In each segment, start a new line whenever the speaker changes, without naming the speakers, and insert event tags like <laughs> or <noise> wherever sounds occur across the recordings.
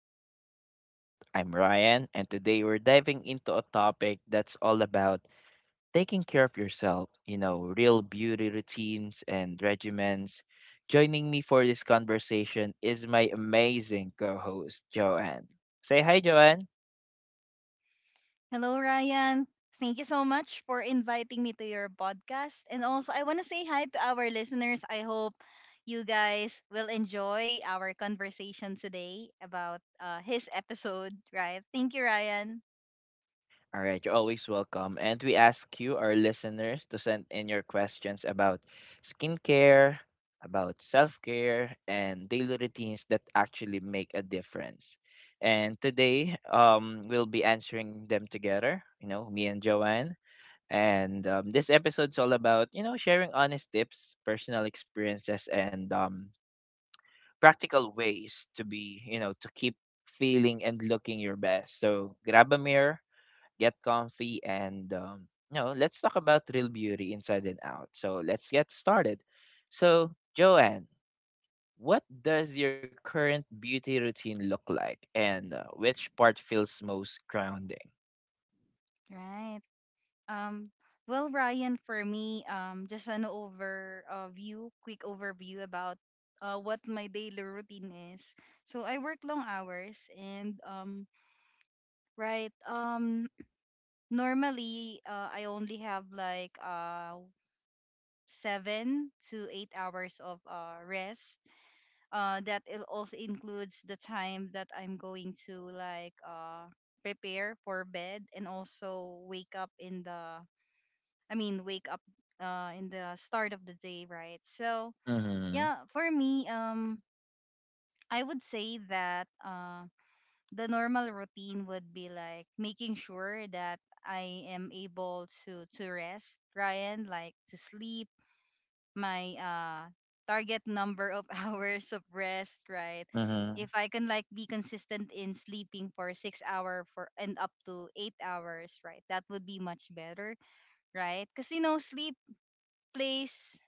to the podcast. I'm Ryan, and today we're diving into a topic that's all about taking care of yourself, you know, real beauty routines and regimens. Joining me for this conversation is my amazing co host, Joanne. Say hi, Joanne.
Hello, Ryan. Thank you so much for inviting me to your podcast. And also, I want to say hi to our listeners. I hope you guys will enjoy our conversation today about his episode, right? Thank you, Ryan.
All right, you're always welcome. And we ask you, our listeners, to send in your questions about skincare, about self care, and daily routines that actually make a difference. And today, we'll be answering them together, you know, me and Joanne. And this episode's all about, you know, sharing honest tips, personal experiences, and practical ways to be, you know, to keep feeling and looking your best. So grab a mirror, get comfy, and you know, let's talk about real beauty inside and out. So let's get started. So, Joanne, what does your current beauty routine look like, and which part feels most grounding?
Right. Um, well, Ryan, for me, just an overview, quick overview about what my daily routine is. So I work long hours and Right. Um normally I only have like 7 to 8 hours of rest. That it also includes the time that I'm going to like prepare for bed and also wake up in the wake up in the start of the day, right? So
Mm-hmm.
yeah, for me I would say that the normal routine would be like making sure that I am able to rest, Ryan, like to sleep, my target number of <laughs> hours of rest, right?
Mm-hmm.
If I can like be consistent in sleeping for 6 hour for and up to 8 hours, right? That would be much better, right? Cuz you know sleep plays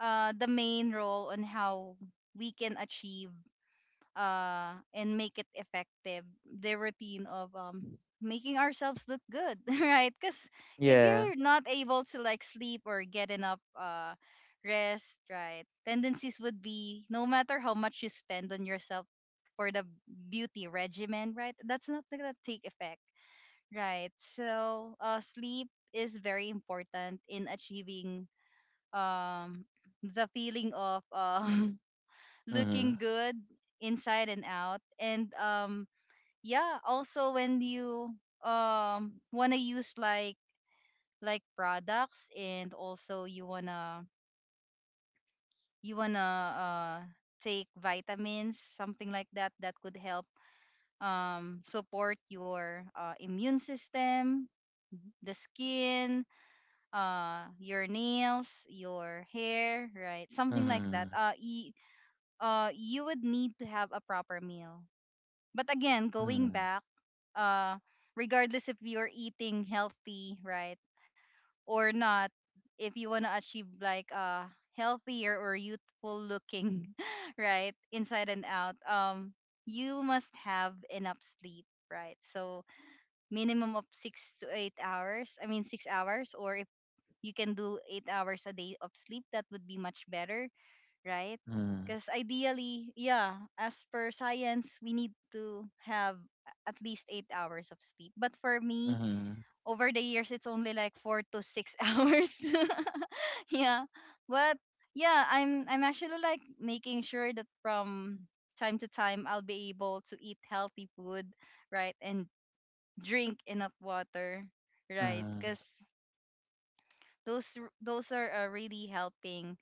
the main role on how we can achieve and make it effective the routine of making ourselves look good, <laughs> right, because if
Yeah.
you're not able to like sleep or get enough rest, right, tendencies would be no matter how much you spend on yourself for the beauty regimen, right, that's not gonna take effect, right? So sleep is very important in achieving um the feeling of <laughs>
Mm-hmm.
looking good inside and out. And yeah, also when you want to use like products, and also you want to you want to take vitamins, something like that, that could help support your immune system, the skin, your nails, your hair, right, something like
Mm-hmm.
that. You would need to have a proper meal. But again, going back, uh, regardless if you're eating healthy, right, or not, if you wanna achieve like a healthier or youthful looking, <laughs> right, inside and out, you must have enough sleep, right? So minimum of 6 to 8 hours. I mean 6 hours, or if you can do 8 hours a day of sleep, that would be much better, right?
Mm-hmm.
Because ideally, yeah, as per science, we need to have at least 8 hours of sleep. But for me,
Mm-hmm.
over the years, it's only like 4 to 6 <laughs> hours. <laughs> Yeah, but yeah, I'm actually like making sure that from time to time I'll be able to eat healthy food, right, and drink enough water, right?
Mm-hmm.
Because those are really helping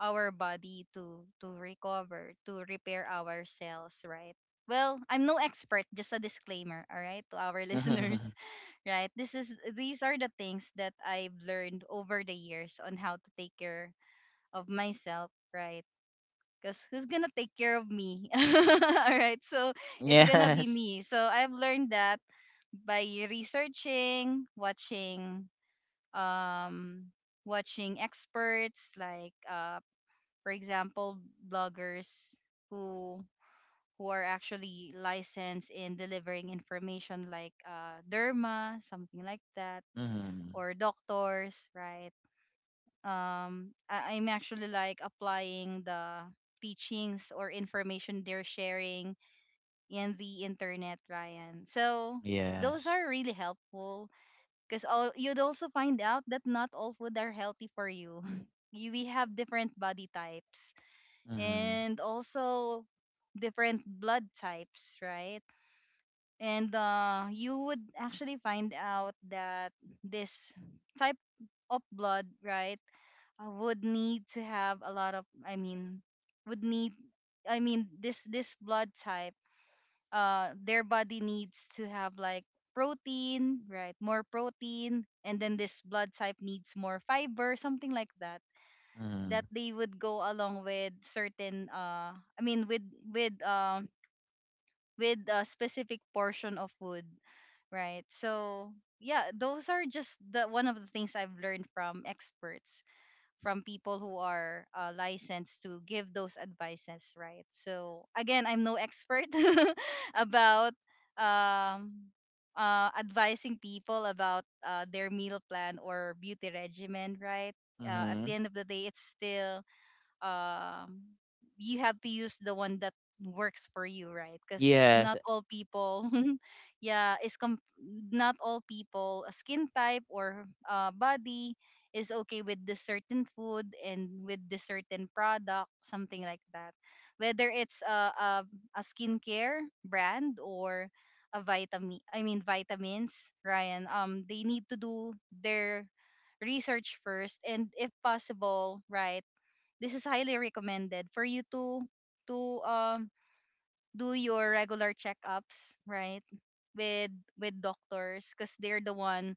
our body to recover, to repair ourselves, right? Well, I'm no expert, just a disclaimer, all right, to our <laughs> listeners,
Mm-hmm. <laughs>
right? This is These are the things that I've learned over the years on how to take care of myself, right? Because who's gonna take care of me? <laughs> All right, so it's gonna be
Yes.
me. So I've learned that by researching, watching um watching experts like for example, bloggers who who are actually licensed in delivering information like derma, something like that,
Mm-hmm.
or doctors, right? I'm actually like applying the teachings or information they're sharing in the internet, Ryan. So those
Yes.
are really helpful because all you'd also find out that not all food are healthy for you. <laughs> you We have different body types,
Mm-hmm.
and also different blood types, right? And you would actually find out that this type of blood, right, would need to have a lot of, I mean, would need, I mean, this blood type, their body needs to have like protein, right, more protein, and then this blood type needs more fiber, something like that, that they would go along with certain with with um with a specific portion of wood, right? So yeah, those are just the one of the things I've learned from experts, from people who are licensed to give those advices, right? So again, I'm no expert <laughs> about um advising people about their meal plan or beauty regimen, right? At
Mm-hmm.
the end of the day, it's still um you have to use the one that works for you, right? Because
Yes.
not all people <laughs> yeah is com- not all people skin type or body is okay with the certain food and with the certain product, something like that, whether it's a skincare brand, or a vitamin, I mean vitamins. Ryan, they need to do their research first, and if possible, right, this is highly recommended for you to do your regular checkups, right, with with doctors, because they're the one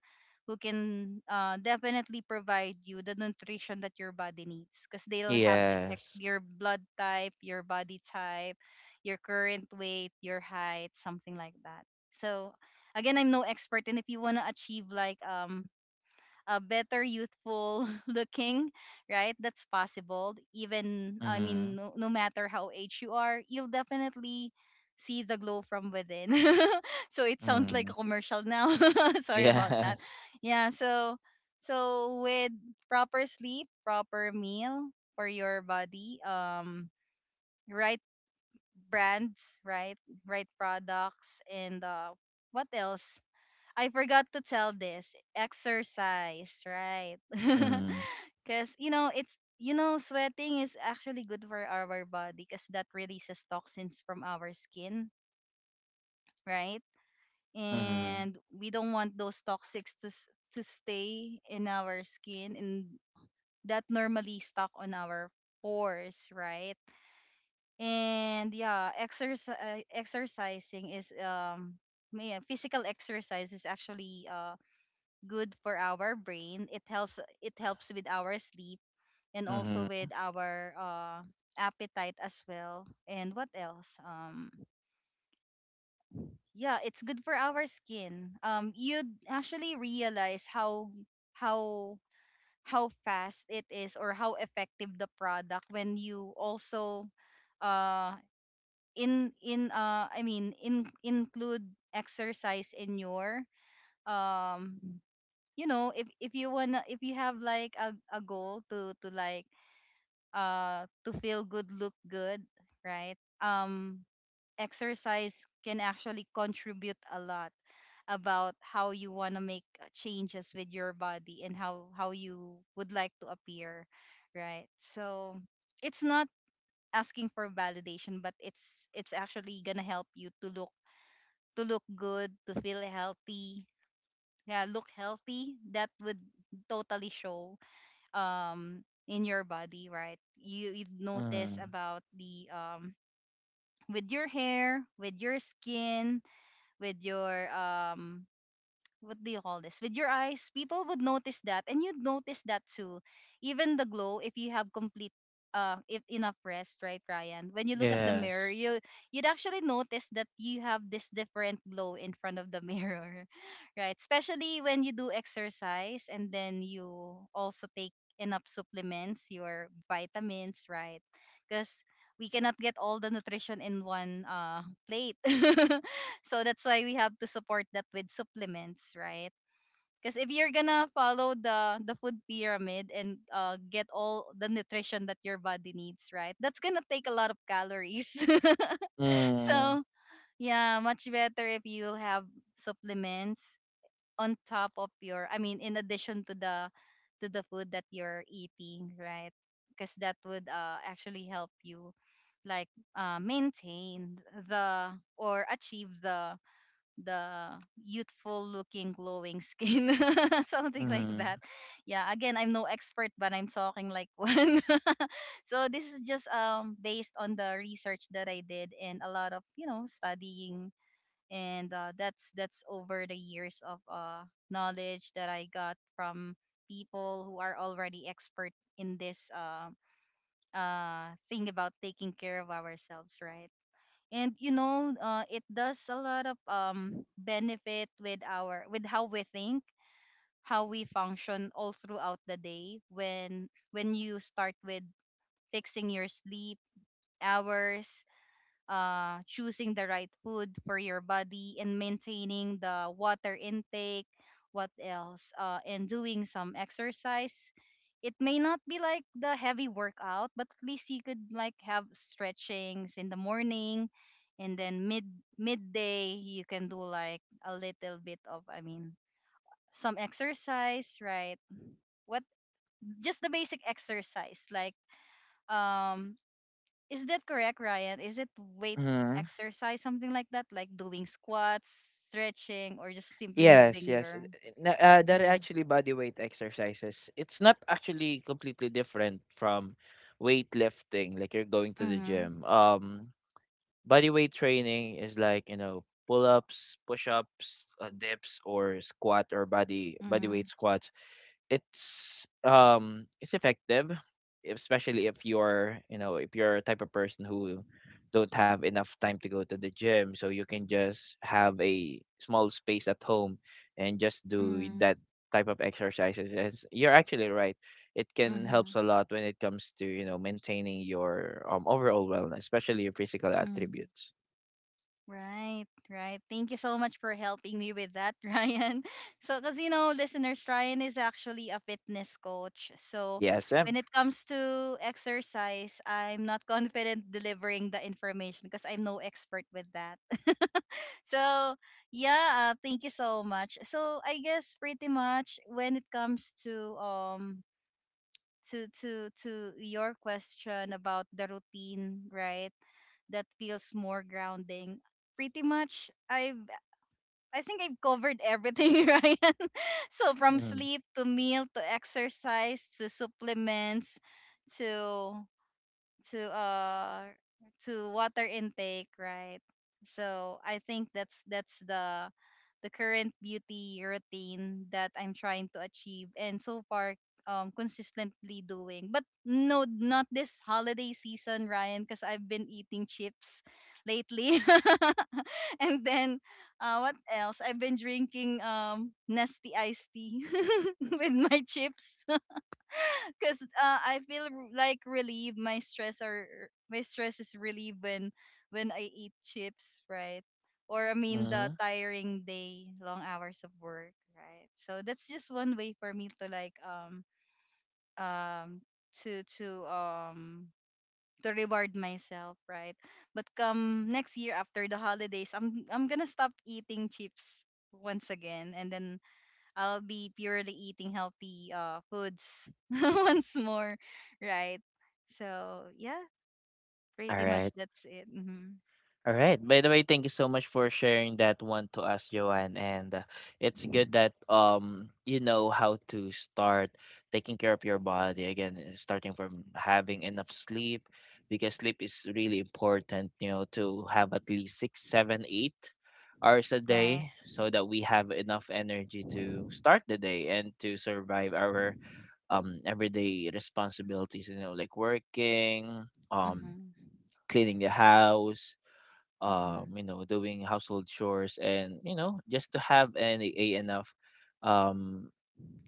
who can definitely provide you the nutrition that your body needs, because they'll have to check
Yes.
your blood type, your body type, your current weight, your height, something like that. So again, I'm no expert. And if you want to achieve like better youthful <laughs> looking, right? That's possible. Even, I mean, no, no matter how age you are, you'll definitely see the glow from within. <laughs> So it sounds like
Mm,
a commercial now. <laughs> Sorry about that.
yes.
Yeah, so with proper sleep, proper meal for your body, right brands, right? Right products, and what else? I forgot to tell this. Exercise, right? <laughs>
Mm,
Because, you know, it's, you know, sweating is actually good for our body because that releases toxins from our skin, right?
mhm.
And we don't want those toxics to, to stay in our skin, and that normally stuck on our pores, right? And yeah, exercise exercising is yeah, physical exercise is actually good for our brain. It helps with our sleep, and also
Mhm.
with our appetite as well. And what else? Yeah, it's good for our skin. You'd actually realize how how how fast it is, or how effective the product, when you also uh in I mean in include exercise in your um you know, if you wanna, if you have like a, goal to feel good, look good, right? Exercise can actually contribute a lot about how you want to make changes with your body, and how you would like to appear, right? So it's not asking for validation, but it's actually gonna help you to look good, to feel healthy, yeah, look healthy. That would totally show in your body, right? You notice
Mm.
about the with your hair, with your skin, with your what do you call this? With your eyes, people would notice that, and you'd notice that too. Even the glow, if you have complete if enough rest, right, Ryan? When you look at the mirror,
yes.
you'd actually notice that you have this different glow in front of the mirror, <laughs> right? Especially when you do exercise, and then you also take enough supplements, your vitamins, right? Because we cannot get all the nutrition in one plate. <laughs> So that's why we have to support that with supplements, right? Because if you're gonna follow the food pyramid, and get all the nutrition that your body needs, right? That's gonna take a lot of calories. <laughs>
Mm,
So yeah, much better if you have supplements on top of your, I mean, in addition to the food that you're eating, right? Because that would actually help you like maintain the, or achieve the, the youthful looking glowing skin, <laughs> something like
mhm,
that. Yeah, again, I'm no expert, but I'm talking like one. <laughs> So this is just based on the research that I did, and a lot of, you know, studying. And that's over the years of knowledge that I got from people who are already expert in this thing about taking care of ourselves, right? And you know, it does a lot of benefit with our, with how we think, how we function all throughout the day, when you start with fixing your sleep hours, choosing the right food for your body, and maintaining the water intake. What else? And doing some exercise. It may not be like the heavy workout, but at least you could like have stretchings in the morning, and then midday you can do like a little bit of, some exercise, right? What Just the basic exercise like um is that correct, Ryan? Is it weight
mhm.
exercise, something like that, like doing squats, stretching, or just simply
Yes,
moving
yes.
your?
That are
Mm-hmm.
actually body weight exercises. It's not actually completely different from weightlifting, like you're going to the
Mm-hmm.
gym. Body weight training is like, you know, pull-ups, push-ups, dips or squat or body
Mm-hmm.
weight squats. It's effective, especially if you're, you know, if you're a type of person who don't have enough time to go to the gym, so you can just have a small space at home and just do that
Mm-hmm.
type of exercises. Yes, you're actually right, it can
Mm-hmm.
helps a lot when it comes to, you know, maintaining your overall wellness, especially your physical
Mm-hmm.
attributes.
Right, right. Thank you so much for helping me with that, <laughs> Ryan. So, because you know, listeners, Ryan is actually a fitness coach. So,
Yes,
when
ma'am.
it comes to exercise, I'm not <laughs> confident delivering the information because I'm no expert with that. So yeah, thank you so much. So I guess pretty much when it comes to your question about the routine, right? That feels more grounding. Pretty much I've I think I've covered everything, <laughs> Ryan. So from
Mhm.
sleep to meal to exercise to supplements to to uh to water intake, right? So I think that's the current beauty routine that I'm trying to achieve and so far consistently doing. But no, not this holiday season, Ryan, because I've been eating chips lately. <laughs> And then what else? I've been drinking nasty iced tea <laughs> with my chips. <laughs> Because I feel like relieved. My stress is relieved when I eat chips, right? Or I mean the
Mhm.
tiring day, long hours of work, right? So that's just one way for me to um to to um reward myself, right? But come next year after the holidays, I'm gonna stop eating chips once again, and then I'll be purely eating healthy foods <laughs> once more, right? So yeah,
All
pretty much
right.
that's it.
Alright. By the way, thank you so much for sharing that one to us, Joanne. And it's good that you know how to start taking care of your body again, starting from having enough sleep because sleep is really important. You know, to have at least 6, 7, 8 hours a
Right.
day so that we have enough energy to start the day and to survive our everyday responsibilities. You know, like working, um,
Mm-hmm.
cleaning the house,
Mm-hmm.
you know, doing household chores and, you know, just to have an a enough um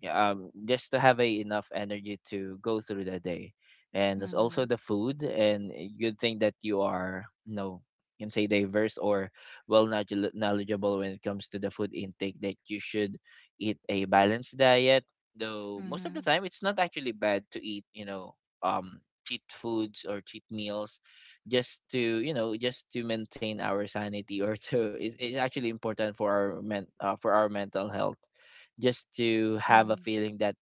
yeah, just to have a enough energy to go through the day, and there's also
Mm-hmm.
the food, and a good thing that you are, you know, you can say diverse or knowledgeable when it comes to the food intake that you should eat a balanced diet, though most of the
Mm-hmm.
time it's not actually bad to eat, you know, cheat foods or cheat meals just to, you know, just to maintain our sanity, or <laughs> to it's actually important for our men for our mental health just to have a
Mm-hmm.
feeling that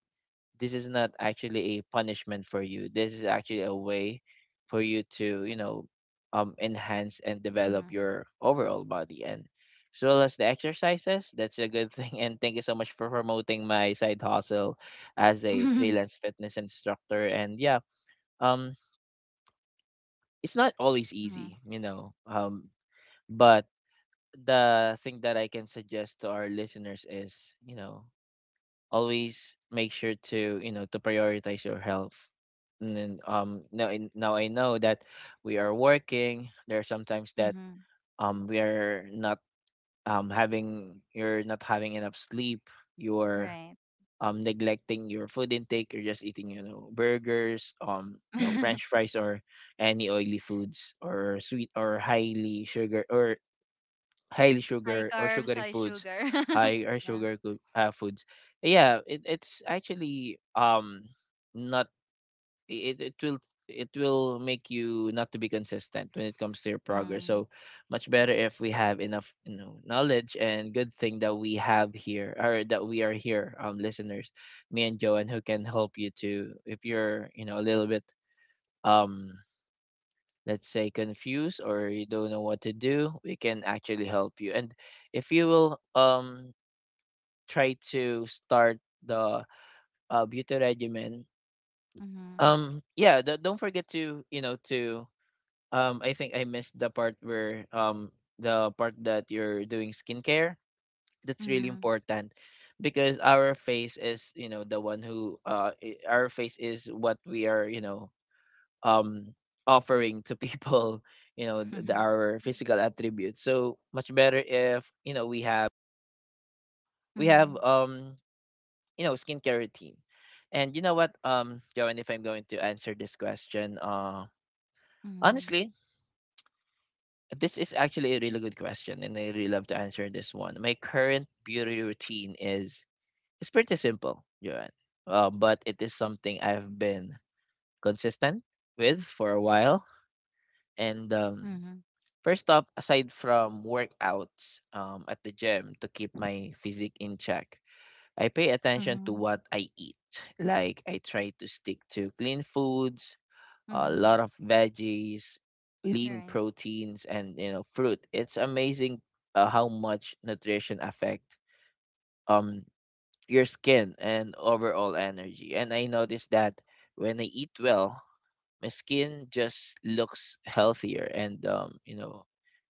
this is not actually a punishment for you. This is actually a way for you to, you know, enhance and develop your overall body. And as well as the exercises, that's a good thing. <laughs> And thank you so much for promoting my side hustle as a
Mm-hmm. <laughs>
freelance fitness instructor. And yeah, um, it's not always
Mm-hmm.
easy, you know, but the thing that I can suggest to our listeners is, you know, always make sure to, you know, to prioritize your health, and then now I know that we are working, there are sometimes that
Mm-hmm.
we are not having, you're not having enough sleep, you're
Right.
neglecting your food intake, you're just eating, you know, burgers, you know, french fries or any oily foods or sweet or highly
<laughs> High
sugar or
carbs,
sugary
high
foods,
sugar. <laughs>
high or
Yeah.
sugar coo- foods. Yeah, it, it's actually not, it, it will, it will make you not to be consistent when it comes to your progress.
Mm.
So much better if we have enough, you know, knowledge, and good thing that we have here or that we are here, listeners, me and Joanne, who can help you to, if you're, you know, a little bit um let's say confused or you don't know what to do, we can actually help you. And if you will try to start the beauty regimen,
Mm-hmm.
yeah, don't forget to, you know, to I think I missed the part where the part that you're doing skincare, that's really
Mm-hmm.
important because our face is, you know, the our face is what we are, you know, um offering to people. <laughs> you know,
<laughs>
our physical attributes, so much better if, you know, we have, we have
Mm-hmm.
um you know, skincare routine. And you know what, Joan, if I'm going to answer this question,
Mm-hmm.
honestly, this is actually a really good question and I really love to answer this one. My current beauty routine is, it's pretty simple, Joan, but it is something I've been consistent with for a while, and
Mm-hmm.
first off, aside from workouts at the gym to keep my physique in check, I pay attention to
Mm-hmm.
what I eat. Like, I try to stick to clean foods, a
Mm-hmm.
lot of veggies, lean
Right.
proteins, and, you know, fruit. It's amazing how much nutrition affect um, your skin and overall energy. And I noticed that when I eat well, my skin just looks healthier and, you know,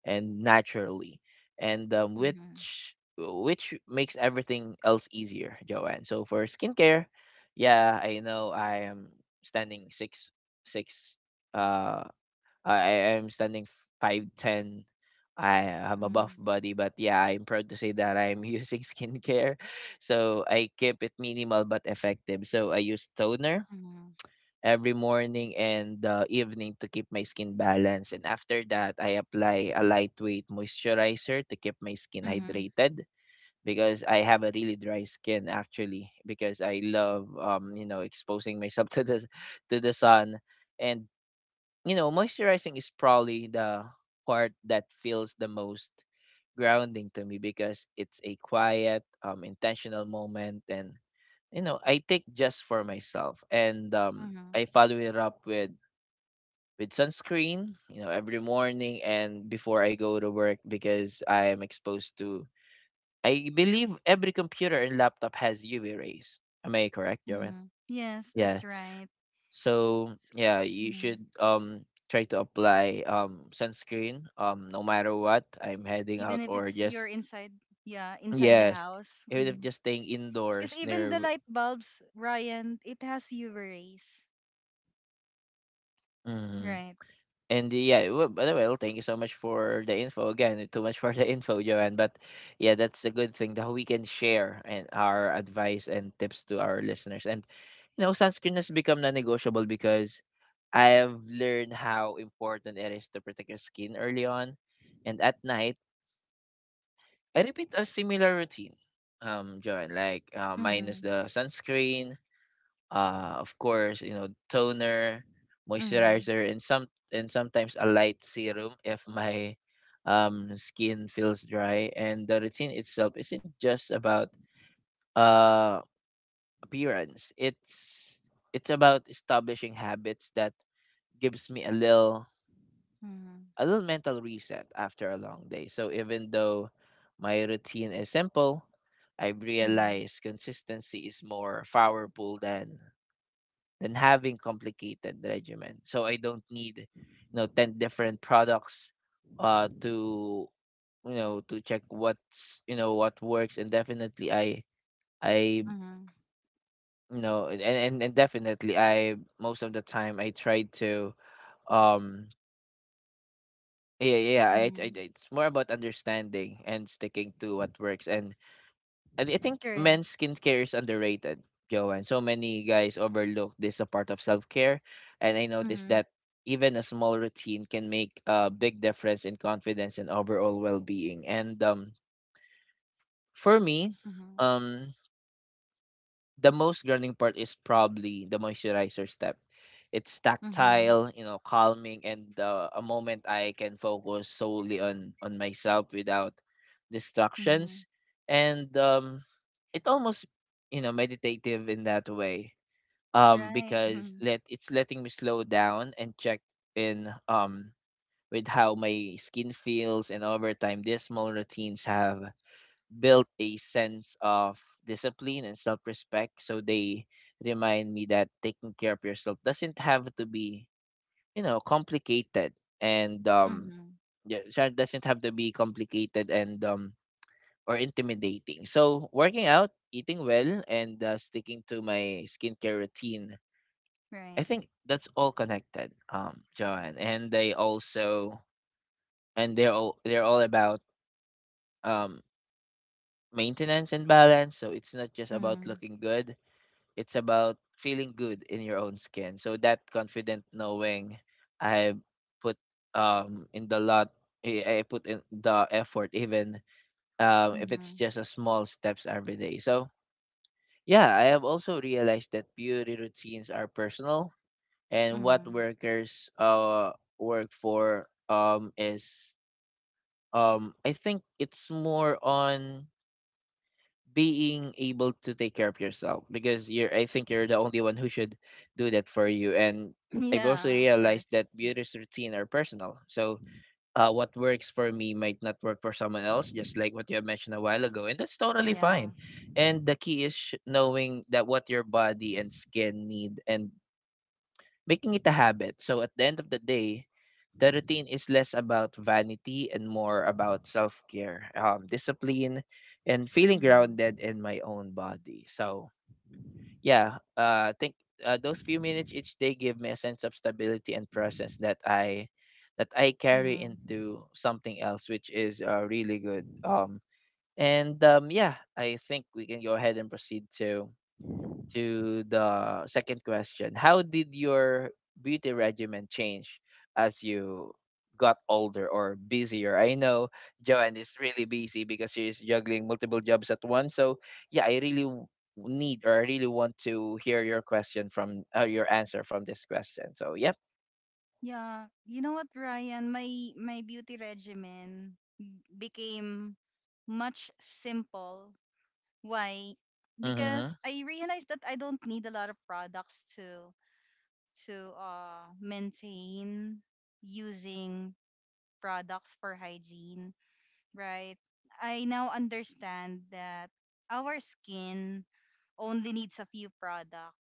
and naturally, and
Mm-hmm.
which makes everything else easier, Joanne. So for skincare, yeah, I know I am standing six six. Uh, I I am standing 5'10". I have a
Mm-hmm.
buff body, but yeah, I'm proud to say that I'm using <laughs> skincare. So I keep it minimal but effective. So I use toner
Mm-hmm.
every morning and evening to keep my skin balanced. And after that, I apply a lightweight moisturizer to keep my skin
Mm-hmm.
hydrated because I have a really dry skin actually, because I love you know, exposing myself <laughs> to the sun, and you know, moisturizing is probably the part that feels the most grounding to me because it's a quiet intentional moment, and you know, I take just for myself, and
Mm-hmm.
I follow it up with sunscreen, you know, every morning and before I go to work because I am exposed to. I believe every computer and laptop has UV rays. Am I correct, Joanne?
Mm. Yes,
Yeah.
that's right.
So yeah, you
Mm.
should try to apply sunscreen no matter what, I'm heading
Even
out
if
or
it's
just
you're inside, yeah, inside the
yes,
house.
even if just staying
Because
indoors
even the
near.
light bulbs, Ryan, it has UV rays,
Mm-hmm.
right?
And yeah, well, by the way, well, thank you so much for the info again. Too much for <laughs> the info, Joanne. But yeah, that's a good thing that we can share and our advice and tips to our listeners. And you know, sunscreen has become non-negotiable because I have learned how important it is to protect your skin early on, and at night I repeat a similar routine. Joanne, like minus
Mm-hmm.
the sunscreen, of course, you know, toner,
Mm-hmm.
moisturizer, and sometimes a light serum if my skin feels dry. And the routine itself isn't just about uh appearance, it's about establishing habits that gives me
Mm-hmm.
a little mental reset after a long day. So even though my routine is simple, I've
Mm-hmm.
realized consistency is more powerful than having complicated regimen. So I don't need, you know, 10 different products to, you know, to check what's, you know, what works. And definitely I
Mm-hmm.
You know, and definitely, I most of the time I try to um yeah
Mm-hmm.
it's more about understanding and sticking to what works. And I think
Correct.
men's skincare is underrated, Joanne. So many guys overlook this a part of self care, and I noticed
Mm-hmm.
that even a small routine can make a big difference in confidence and overall well being. And for me,
Mm-hmm.
um, the most grounding part is probably the moisturizer step. It's
Mm-hmm.
tactile, you know, calming, and a moment I can focus solely on myself without
Mm-hmm.
distractions. And it almost, you know, meditative in that way.
Right.
Because
Mhm.
let it's letting me slow down and check in with how my skin feels, and over time, these small routines have built a sense of discipline and self-respect. So they remind me that taking care of yourself doesn't have to be, you know, complicated. And
Mm-hmm.
yeah, so it doesn't have to be complicated and or intimidating. So working out, eating well, and sticking to my skincare routine, I
Right.
think that's all connected, John, and they also and they're all, they're all about um maintenance and balance. So it's not just about
Mm-hmm.
looking good, it's about feeling good in your own skin. So that confident knowing I put in the lot I put in the effort, even if
Mm-hmm.
it's just a small steps every day. So yeah, I have also realized that beauty routines are personal, and what
Mm-hmm.
work for is I think it's more on being able to take care of yourself because you're, I think you're the only one who should do that for you. And
<laughs> <clears throat>
I've also
Yeah, of
realized
course.
that beauty's routine are personal. So what works for me might not work for someone else, just like what you have mentioned a while ago. And that's totally
Yeah.
fine. And the key is knowing that what your body and skin need and making it a habit. So at the end of the day, the routine is less about vanity and more about self care, discipline, and feeling
Mm-hmm.
grounded in my own body. So, yeah, I think those few minutes each day give me a sense of stability and presence that I carry
Mm-hmm.
into something else, which is really good. And yeah, I think we can go ahead and proceed to the second question. How did your beauty regimen change as you got older or busier? I know Joanne is really busy because she's juggling multiple jobs at once. So, yeah, I really need, or I really want to hear your question from your answer from this question. So, yep.
Yeah, you know what, Ryan? My beauty regimen became much simple. Why? Because
Mm-hmm.
I realized that I don't need a lot of products to maintain using products for hygiene, right? I now understand that our skin only needs a few product.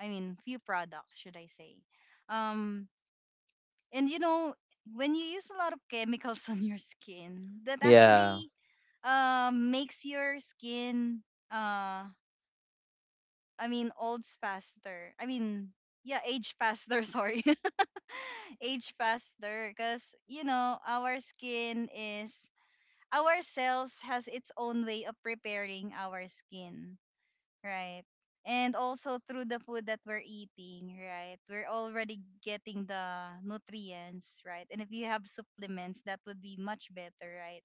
I mean, few products, should I say? Um And you know, when you use a lot of chemicals <laughs> on your skin, that
Yeah.
actually makes your skin uh I mean olds faster. I mean yeah, age faster, <laughs> sorry. <laughs> Age faster because you know, our skin is our cells has its own way of preparing our skin. Right. And also through the food that we're eating, right? We're already getting the nutrients, right? And if you have supplements, that would be much better, right?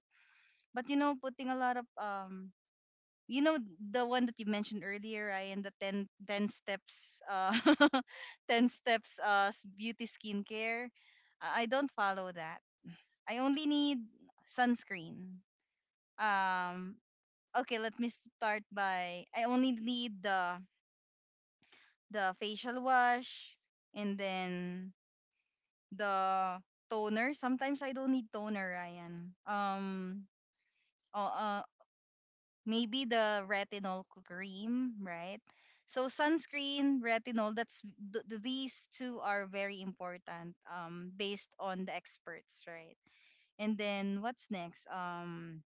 But you know, putting a lot of you know, the one that you mentioned earlier, Ryan, the ten ten steps <laughs> 10 steps beauty skincare. I don't follow that. I only need sunscreen. Um okay, let me start by I only need the facial wash, and then the toner. Sometimes I don't need toner, Ryan. Oh, uh, Maybe the retinol cream, right? So sunscreen, retinol. These two are very important, based on the experts, right? And then what's next?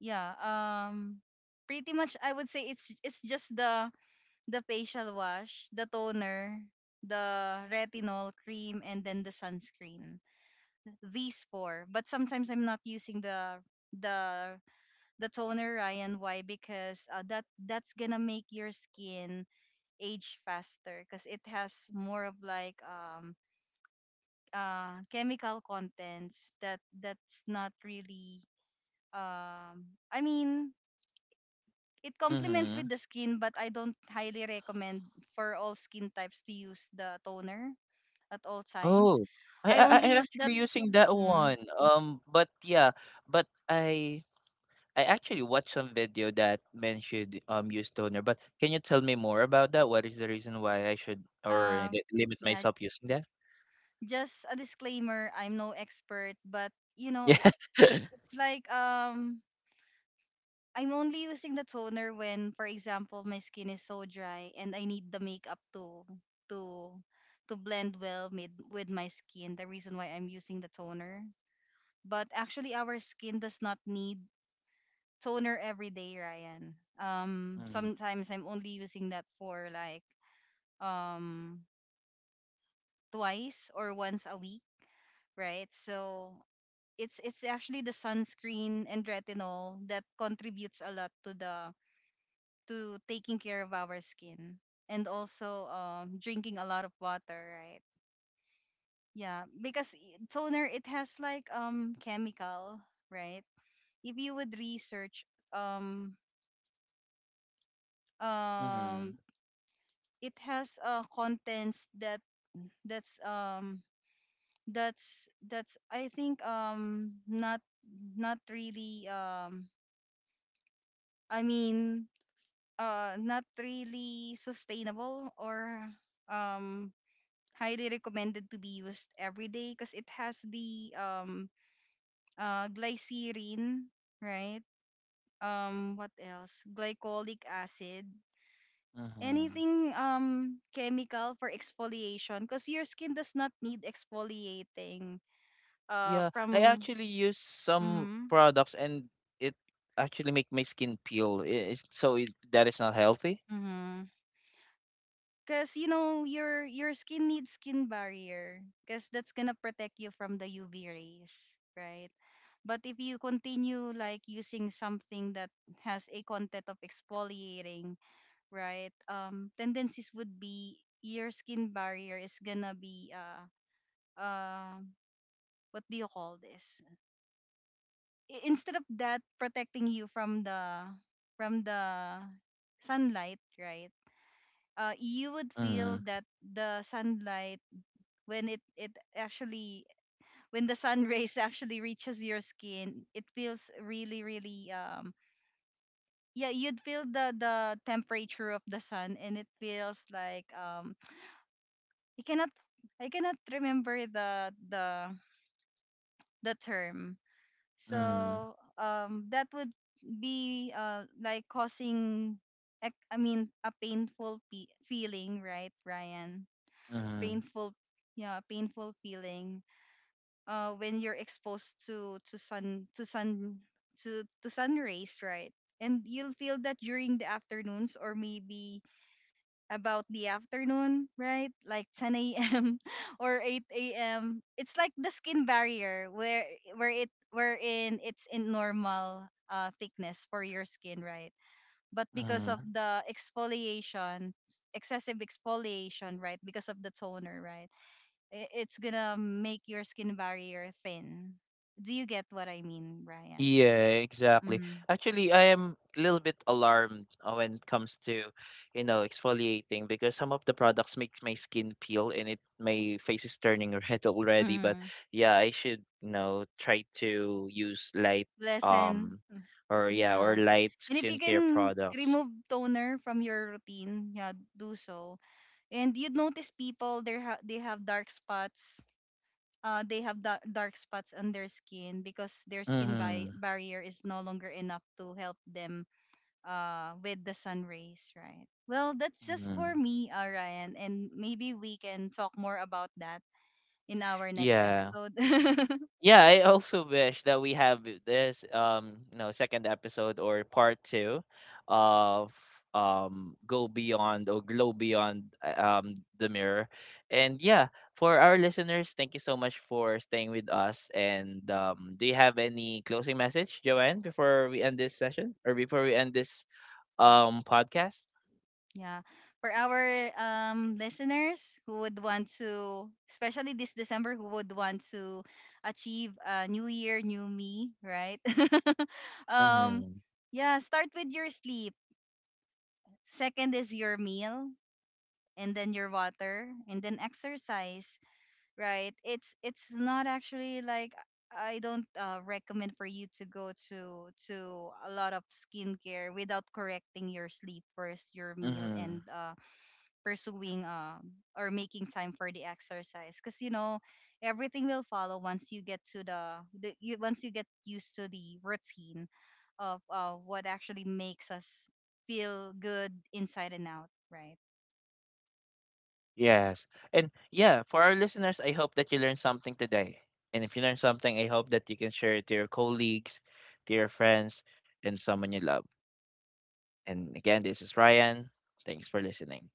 yeah, um, pretty much I would say it's it's just the facial wash, the toner, the retinol cream, and then the sunscreen. These four. But sometimes I'm not using the the toner, Ryan. Why? Because that that's gonna make your skin age faster because it has more of like chemical contents that that's not really I mean it complements
Mm-hmm.
with the skin, but I don't highly recommend for all skin types to use the toner at all times.
Oh,
I only
I'm
use that.
actually using that
Mm,
one. But yeah, but I actually watched some video that mentioned use toner, but can you tell me more about that? What is the reason why I should or
uh,
limit
yeah,
myself using that? <laughs>
just a disclaimer. I'm no expert, but you know,
Yeah.
it's like I'm only using the toner when, for example, my skin is so dry and I need the makeup to to blend well with my skin. The reason why I'm using the toner, but actually our skin does not need toner every day, Ryan.
Mm.
Sometimes I'm only using that for like um twice or once a week, right? So it's actually the sunscreen and retinol that contributes a lot to the to taking care of our skin and also drinking a lot of water, right? Yeah, because toner, it has like chemical, right? If you would research um
Mm-hmm.
um it has contents that that's um that's I think not not really I mean not really sustainable or um highly recommended to be used every day because it has the glycerin, right? Um, what else, glycolic acid,
Mm-hmm.
anything chemical for exfoliation, because your skin does not need exfoliating
Yeah, I
from
actually use some
mm-hmm,
products and it actually make my skin peel. It is so it, that is not healthy.
mm-hmm. Cuz you know, your skin needs skin barrier cuz that's going to protect you from the UV rays, right? But if you continue like using something that has a content of exfoliating, right? Um, tendencies would be your skin barrier is going to be uh what do you call this, instead of that protecting you from the sunlight, right? You would feel
Mm.
that the sunlight when it actually when the sun <laughs> rays actually reaches your skin, it feels really really um, yeah, you'd feel the temperature of the sun and it feels like um, i cannot I cannot remember the the term.
Mm.
So that would be like causing, I mean, a painful feeling, right, Ryan?
Mm.
Painful, yeah, painful feeling when you're exposed to sun rays, right? And you'll feel that during the afternoons or maybe about the afternoon, right? Like 10 a.m. <laughs> or 8 a.m. It's like the skin barrier wherein it's in normal thickness for your skin, right? But because of
Mm.
the exfoliation, excessive exfoliation, right? Because of the toner, right? It's gonna make your skin barrier thin. Do you get what I mean, Brian?
Yeah, exactly.
Mm-hmm.
Actually, I am a little bit alarmed when it comes to, you know, exfoliating, because some of the products makes my skin peel and it, my face is turning <laughs> red already. But
Mm-hmm.
yeah, I should, you know, try to use light
Listen.
um or yeah, or
Yeah.
light
And if you
skincare
can
products.
remove toner from your routine, yeah, do so. And you'd notice people, they have dark spots. They have dark spots on their skin because their
Mm-hmm.
barrier is no longer enough to help them with the sun rays, right? Well, that's just
Mm-hmm.
for me, Ryan, and maybe we can talk more about that in our next
Yeah.
episode. <laughs>
Yeah, I also wish that we have this you know, second episode or part two of go beyond or glow beyond the mirror. And yeah, for our listeners, thank you so much for staying with us. And do you have any closing message, Joanne, before we end this session or before we end this podcast?
Yeah. For our listeners who would want to, especially this December, who would want to achieve a new year, new me, right? <laughs> um
Mm-hmm.
yeah, start with your sleep. Second is your meal and then your water and then exercise, right? It's not actually like I don't recommend for you to go to a lot of skincare without correcting your sleep first, your meal
Mm-hmm.
and pursuing or making time for the exercise, because you know, everything will follow once you get to the, once you get used to the routine of what actually makes us feel good inside and out, right?
Yes. And yeah, for our listeners, I hope that you learned something today. And if you learned something, I hope that you can share it to your colleagues, to your friends, and someone you love. And again, this is Ryan. Thanks for listening.